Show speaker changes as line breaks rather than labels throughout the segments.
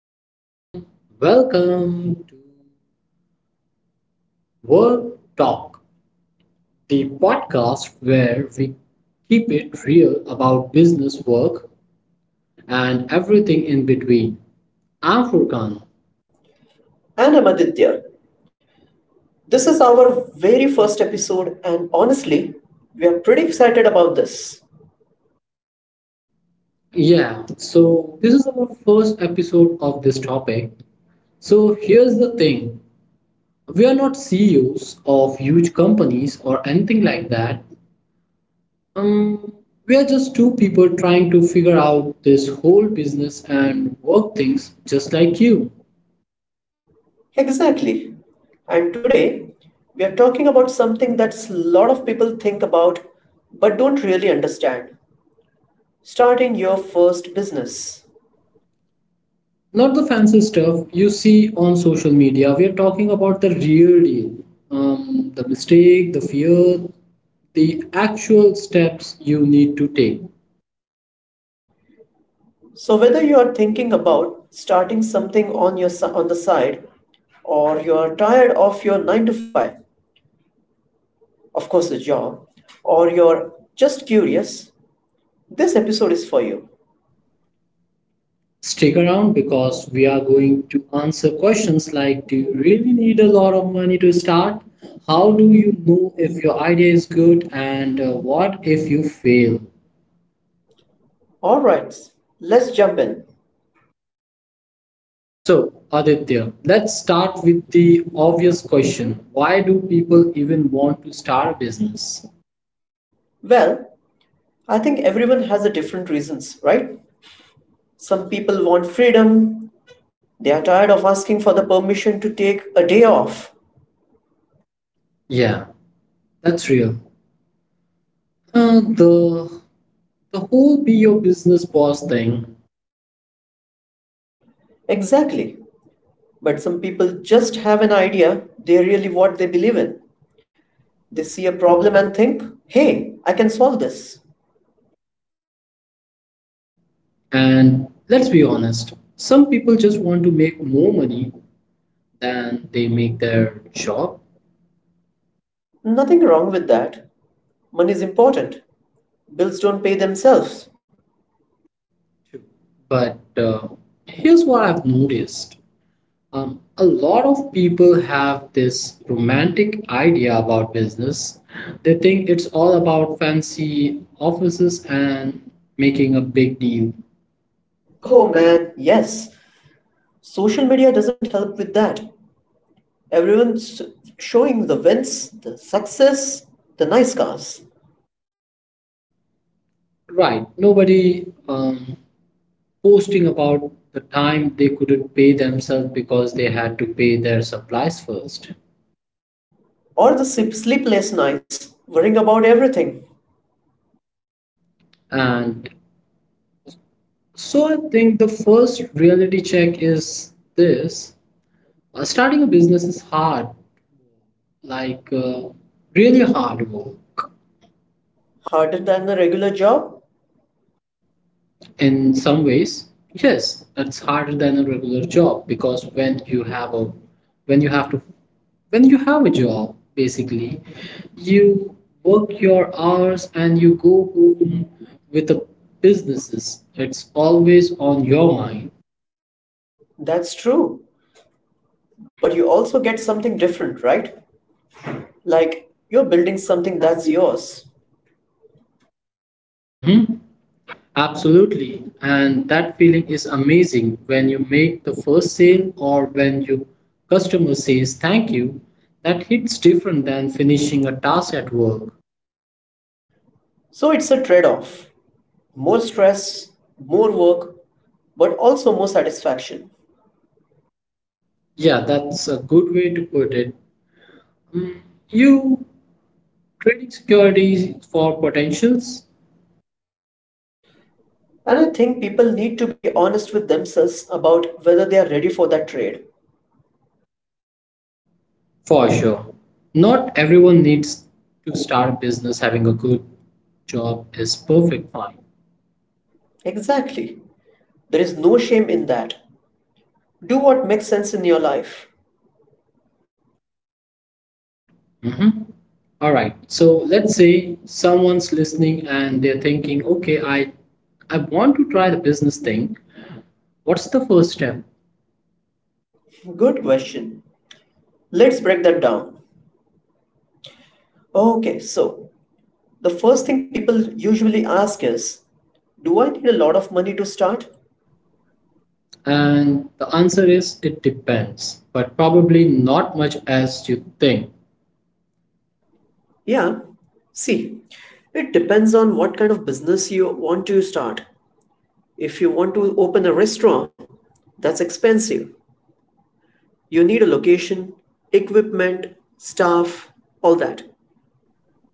welcome, welcome to Work Talk, the podcast where we keep it real about business work and everything in between. I'm Furkan.
And I'm Aditya. This is our very first episode, and honestly, we are pretty excited about this.
Yeah, so this is our first episode of this topic. So here's the thing, we are not CEOs of huge companies or anything like that. Um, we are just two people trying to figure out this whole business and work things just like you.
Exactly. And today, we are talking about something that's a lot of people think about but don't really understand starting your first business.
Not the fancy stuff you see on social media. We are talking about the real deal. The mistake, the fear, the actual steps you need to take.
So, whether you are thinking about starting something on, your, on the side, or you are tired of your 9 to 5, of course, the job, or you're just curious, this episode is for you.
Stick around because we are going to answer questions like, do you really need a lot of money to start? How do you know if your idea is good? And what if you fail?
All right, let's jump in.
So, Aditya, let's start with the obvious question. Why do people even want to start a business?
Well, I think everyone has a different reasons, right? Some people want freedom. They are tired of asking for the permission to take a day off.
Yeah, that's real. Uh, the the whole be your business boss thing,
Exactly. But some people just have an idea they really what they believe in. They see a problem and think, "Hey, I can solve this."
and let's be honest, some people just want to make more money than they make their job
Nothing wrong with that. Money is important. Bills don't pay themselves.
too. But here's what I've noticed. A lot of people have this romantic idea about business. They think it's all about fancy offices and making a big deal.
Oh man, yes. Social media doesn't help with that. Everyone's showing the wins, the success, the nice cars,
Right. Nobody posting about the time they couldn't pay themselves because they had to pay their supplies first.
or the sleepless nights, worrying about everything.
And so I think the first reality check is this: starting a business is hard, like really hard work.
Harder than a regular job?
In some ways, yes, it's harder than a regular job because when when you have to you have a job, basically you work your hours and you go home. With the businesses, it's always on your mind.
That's true. But you also get something different, right? Like you're building something that's yours.
Mm-hmm. Absolutely, and that feeling is amazing when you make the first sale, or when your customer says thank you, that hits different than finishing a task at work.
So it's a trade off more stress, more work, but also more satisfaction.
Yeah, that's a good way to put it. Mm, you trading securities for potentials?
And I think people need to be honest with themselves about whether they are ready for that trade.
For sure. Not everyone needs to start a business. Having a good job is perfect fine.
Exactly. There is no shame in that. Do what makes sense in your life.
Mhm. All right. So let's say someone's listening and they're thinking, okay, I want to try the business thing. What's the first step?
Good question. Let's break that down. Okay, so the first thing people usually ask is, do I need a lot of money to start?
And the answer is, it depends, but probably not much as you think.
Yeah. See, it depends on what kind of business you want to start. If you want to open a restaurant, that's expensive. You need a location, equipment, staff, all that.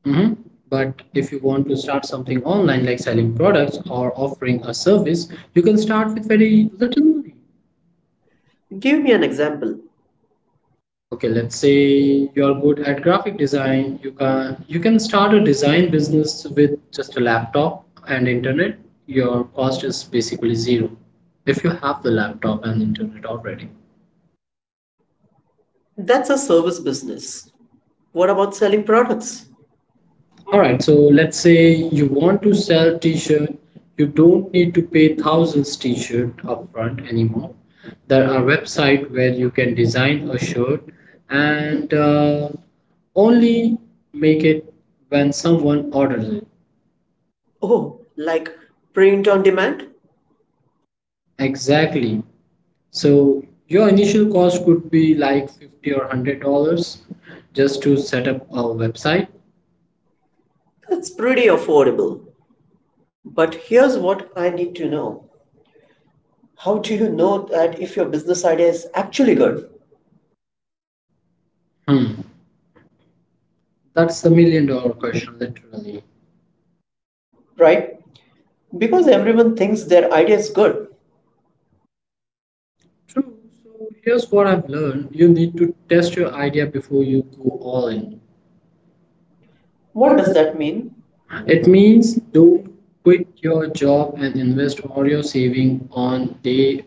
Mhm. But if you want to start something online, like selling products or offering a service, you can start with very little money.
Give me an example.
Okay, let's say you're good at graphic design. You can start a design business with just a laptop and internet. Your cost is basically zero if you have the laptop and internet already.
That's a service business. What about selling products?
All right, so let's say you want to sell t-shirt. You don't need to pay thousands t-shirt upfront anymore. There are website where you can design a shirt and only make it when someone orders it.
Oh, like print on demand?
Exactly. So your initial cost could be like 50 or $100 just to set up a website.
That's pretty affordable. But here's what I need to know. How do you know that if your business idea is actually good?
Hmm. That's the million-dollar question, literally.
Right? Because everyone thinks their idea is good.
True. So here's what I've learned, you need to test your idea before you go all in.
What does that mean?
It means don't quit your job and invest all your saving on day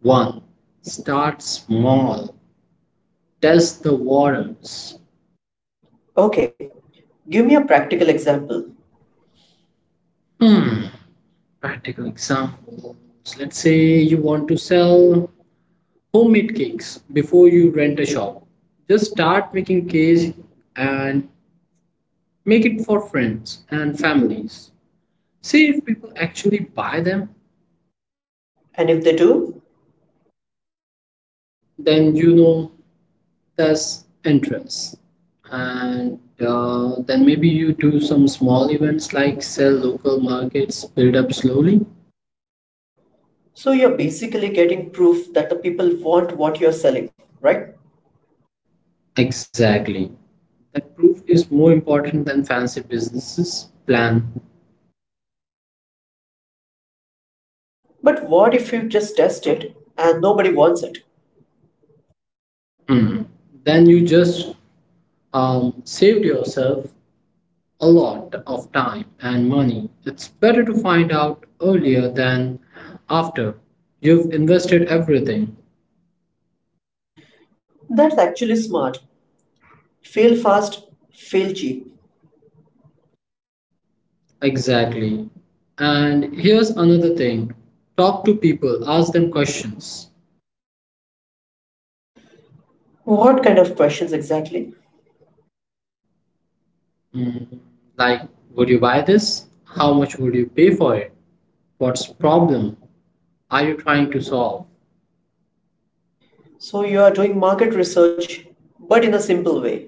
one. Start small, test the waters.
Okay, give me a practical example.
Hmm. Practical examples. Let's say you want to sell homemade cakes. Before you rent a shop, just start making cakes and make it for friends and families. See if people actually buy them,
And if they do,
then you know there's interest. And then maybe you do some small events like sell local markets, build up slowly.
so you're basically getting proof that the people want what you're selling, right?
Exactly. That proof is more important than fancy businesses plan.
But what if you just test it and nobody wants it?
Hmm. Then you just saved yourself a lot of time and money. It's better to find out earlier than after. You've invested everything.
That's actually smart. Fail fast, fail cheap.
Exactly. And here's another thing, talk to people, ask them questions.
What kind of questions exactly?
Mm, like, would you buy this? How much would you pay for it? What's problem are you trying to solve?
So you are doing market research, but in a simple way.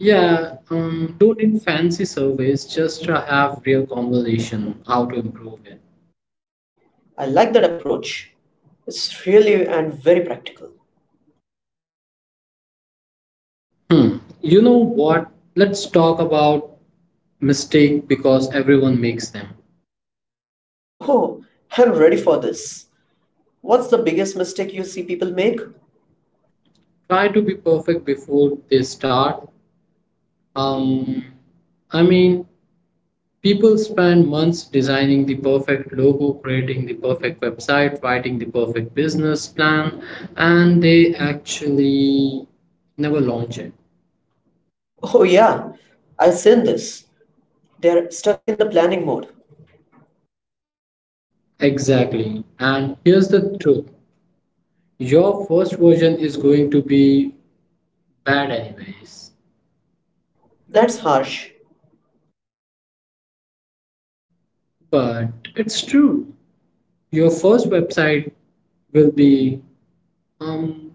Yeah, don't need fancy surveys, just to have real conversation, how to improve it.
I like that approach. It's really and very practical.
Hmm. You know what? Let's talk about mistake because everyone makes them.
Oh, I'm ready for this. What's the biggest mistake you see people make?
Try to be perfect before they start. Um, I mean, People spend months designing the perfect logo, creating the perfect website, writing the perfect business plan, and they actually never launch it.
Oh, yeah, I've seen this. They're stuck in the planning mode.
Exactly. And here's the truth, your first version is going to be bad, anyways.
That's harsh.
But it's true. Your first website will be um,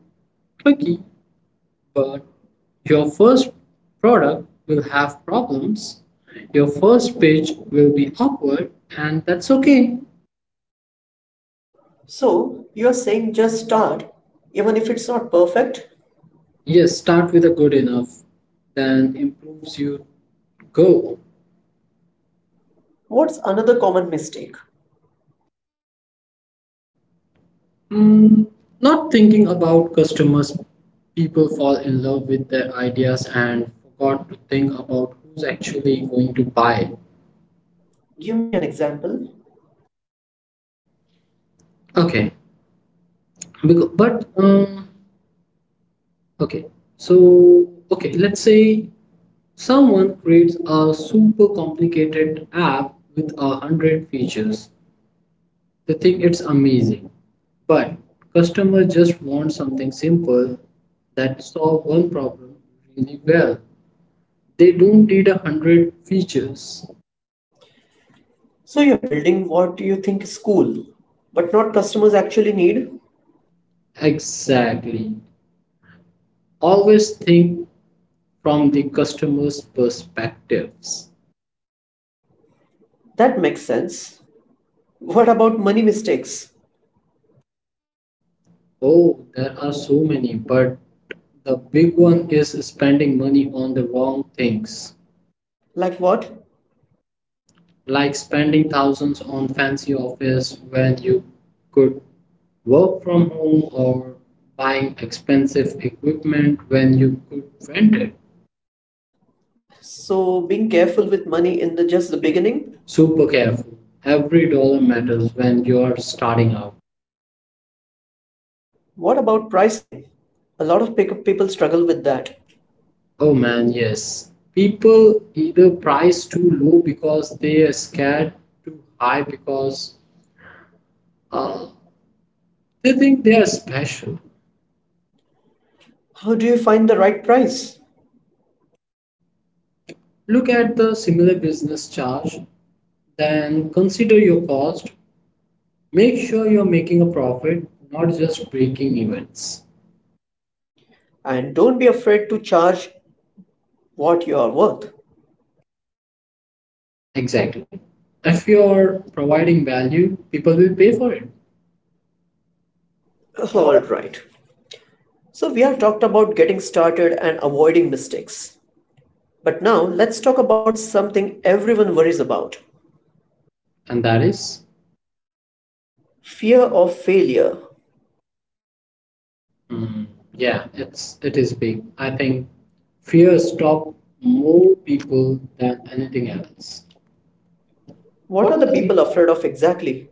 clicky. But your first product will have problems, your first page will be awkward, and that's okay.
So you're saying just start, even if it's not perfect?
Yes, start with a good enough, then improves you go.
What's another common mistake?
Mm, Not thinking about customers, people fall in love with their ideas and forgot to think about who's actually going to buy it.
Give me an example.
Okay because, but okay so okay let's say someone creates a super complicated app with 100 features. They think it's amazing, but customer just want something simple that solve one problem really well. They don't need 100 features.
So you're building what you think is cool, but not customers actually need?
Exactly. Always think from the customer's perspectives.
That makes sense. What about money mistakes?
Oh, there are so many, but the big one is spending money on the wrong things.
Like what?
Like spending thousands on fancy office when you could work from home, or buying expensive equipment when you could rent it.
So being careful with money in the just the beginning?
Super careful, every dollar matters when you're starting out.
What about pricing? A lot of people struggle with that.
Oh man, yes, people either price too low because they are scared, too high because uh, they think they are special.
How do you find the right price?
Look at the similar business charge, then consider your cost. Make sure you're making a profit, not just breaking events.
And don't be afraid to charge what you are worth.
Exactly. If you're providing value, people will pay for it.
All right. So, we have talked about getting started and avoiding mistakes. But now, let's talk about something everyone worries about.
And that is,
Fear of failure.
mm, yeah, it is big. I think fear stops more people than anything else.
What are the people afraid of exactly?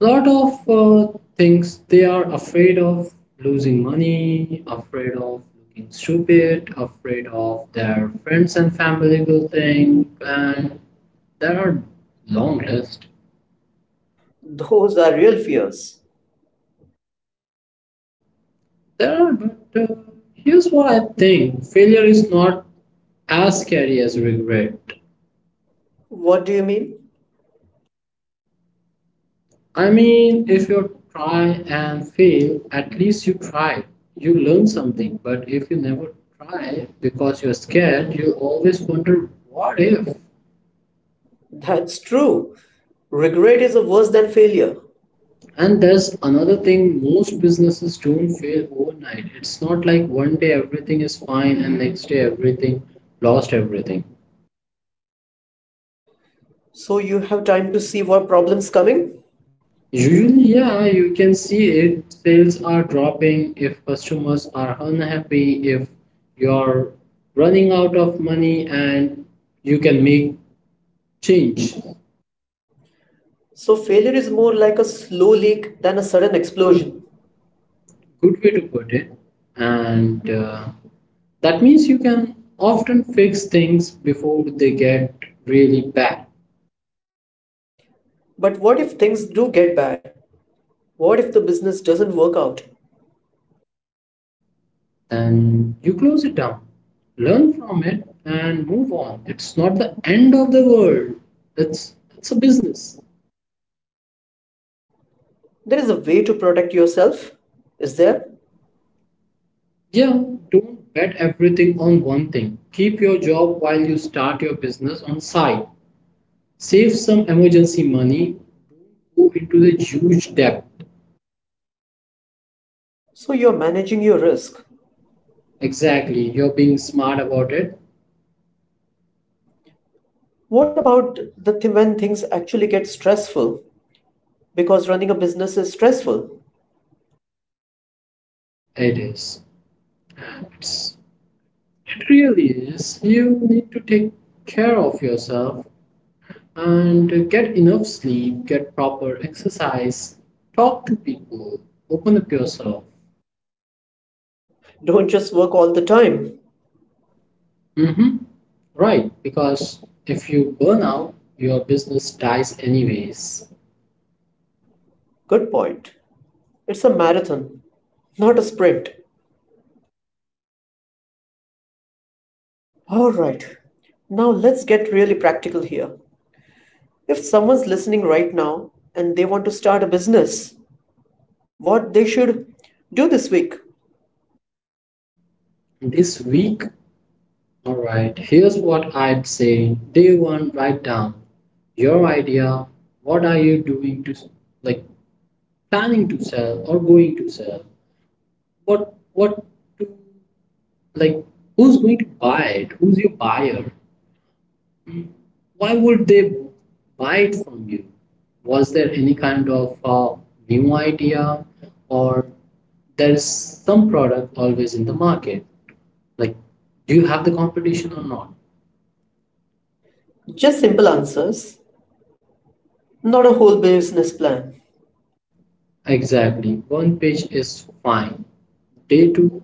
A lot of things they are afraid of: losing money, afraid of looking stupid, afraid of their friends and family will think, and there are long list.
Those are real fears.
There are, but here's what I think, failure is not as scary as regret.
What do you mean?
I mean, if you try and fail, at least you tried. You learn something, but if you never try because you're scared, you always wonder what if.
That's true. Regret is worse than failure.
And there's another thing, most businesses don't fail overnight. It's not like one day everything is fine and next day everything lost everything.
So you have time to see what problem's coming?
Usually, yeah, you can see it. Sales are dropping, if customers are unhappy, if you're running out of money, and you can make change.
So failure is more like a slow leak than a sudden explosion.
Good way to put it. And that means you can often fix things before they get really bad.
But what if things do get bad? What if the business doesn't work out?
Then you close it down, learn from it, and move on. It's not the end of the world, it's a business.
There is a way to protect yourself, is there?
Yeah, don't bet everything on one thing. Keep your job while you start your business on side. Save some emergency money, go into the huge debt.
So you're managing your risk.
Exactly, you're being smart about it.
What about the when things actually get stressful? Because running a business is stressful.
It is. It's, it really is. You need to take care of yourself and get enough sleep, get proper exercise, talk to people, open up yourself.
Don't just work all the time.
Mm-hmm. Right, because if you burn out, your business dies anyways.
Good point. It's a marathon, not a sprint. All right. Now let's get really practical here. If someone's listening right now and they want to start a business, what they should do this week?
This week, all right, here's what I'd say. Day one, write down your idea. What are you doing to, like, planning to sell or going to sell? What, what, to, like, Who's going to buy it? Who's your buyer? Why would they buy it from you? Was there any kind of new idea, or there is some product always in the market? Like, do you have the competition or not?
Just simple answers, not a whole business plan.
Exactly. One page is fine. Day two,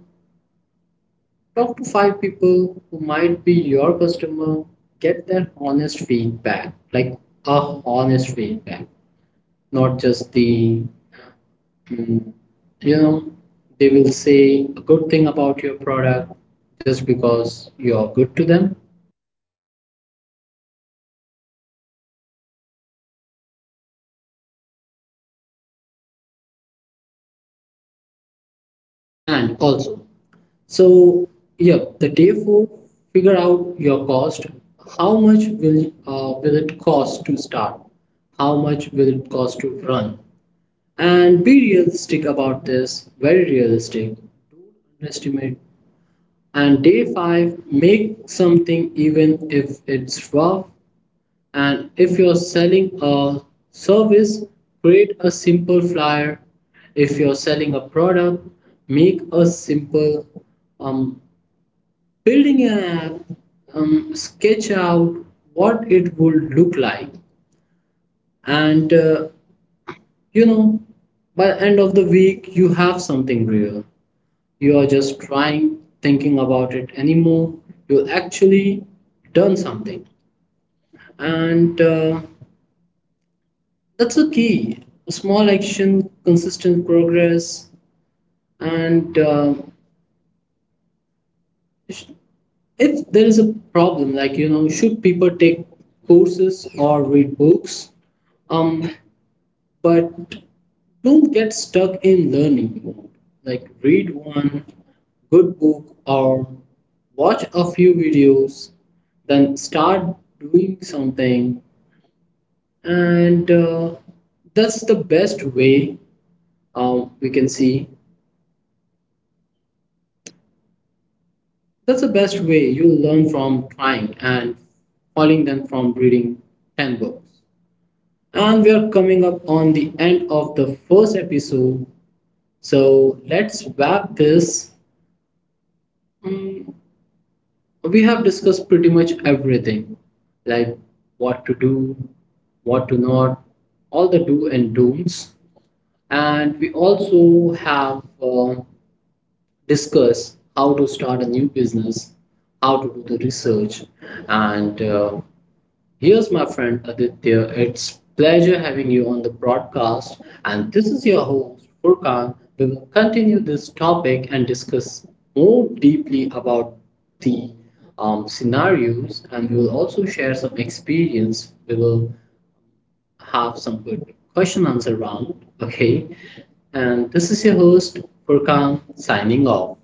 talk to 5 people who might be your customer. Get their honest feedback, like a honest feedback, not just the you know they will say a good thing about your product just because you're good to them. And also, so yeah, the day four, figure out your cost, how much will it cost to start, how much will it cost to run, and be realistic about this, very realistic, underestimate. And day five, make something, even if it's rough. And if you're selling a service, create a simple flyer. If you're selling a product, make a simple um, building an app, sketch out what it would look like. And you know, by the end of the week, you have something real. You are just trying, thinking about it anymore. You'll actually done something. And that's the key. Small action, consistent progress, and if there is a problem, like you know, should people take courses or read books? Um, but don't get stuck in learning mode. Like read one good book or watch a few videos, then start doing something, and that's the best way we can see that's the best way you learn, from trying and falling than from reading 10 books. And we are coming up on the end of the first episode. So let's wrap this. Mm, we have discussed pretty much everything, like what to do, what to not, all the do and don'ts. And we also have discussed how to start a new business, how to do the research, and here's my friend Aditya. It's pleasure having you on the broadcast, and this is your host Furkan. We will continue this topic and discuss more deeply about the scenarios, and we will also share some experience. We will have some good question answer round. Okay, and this is your host Furkan signing off.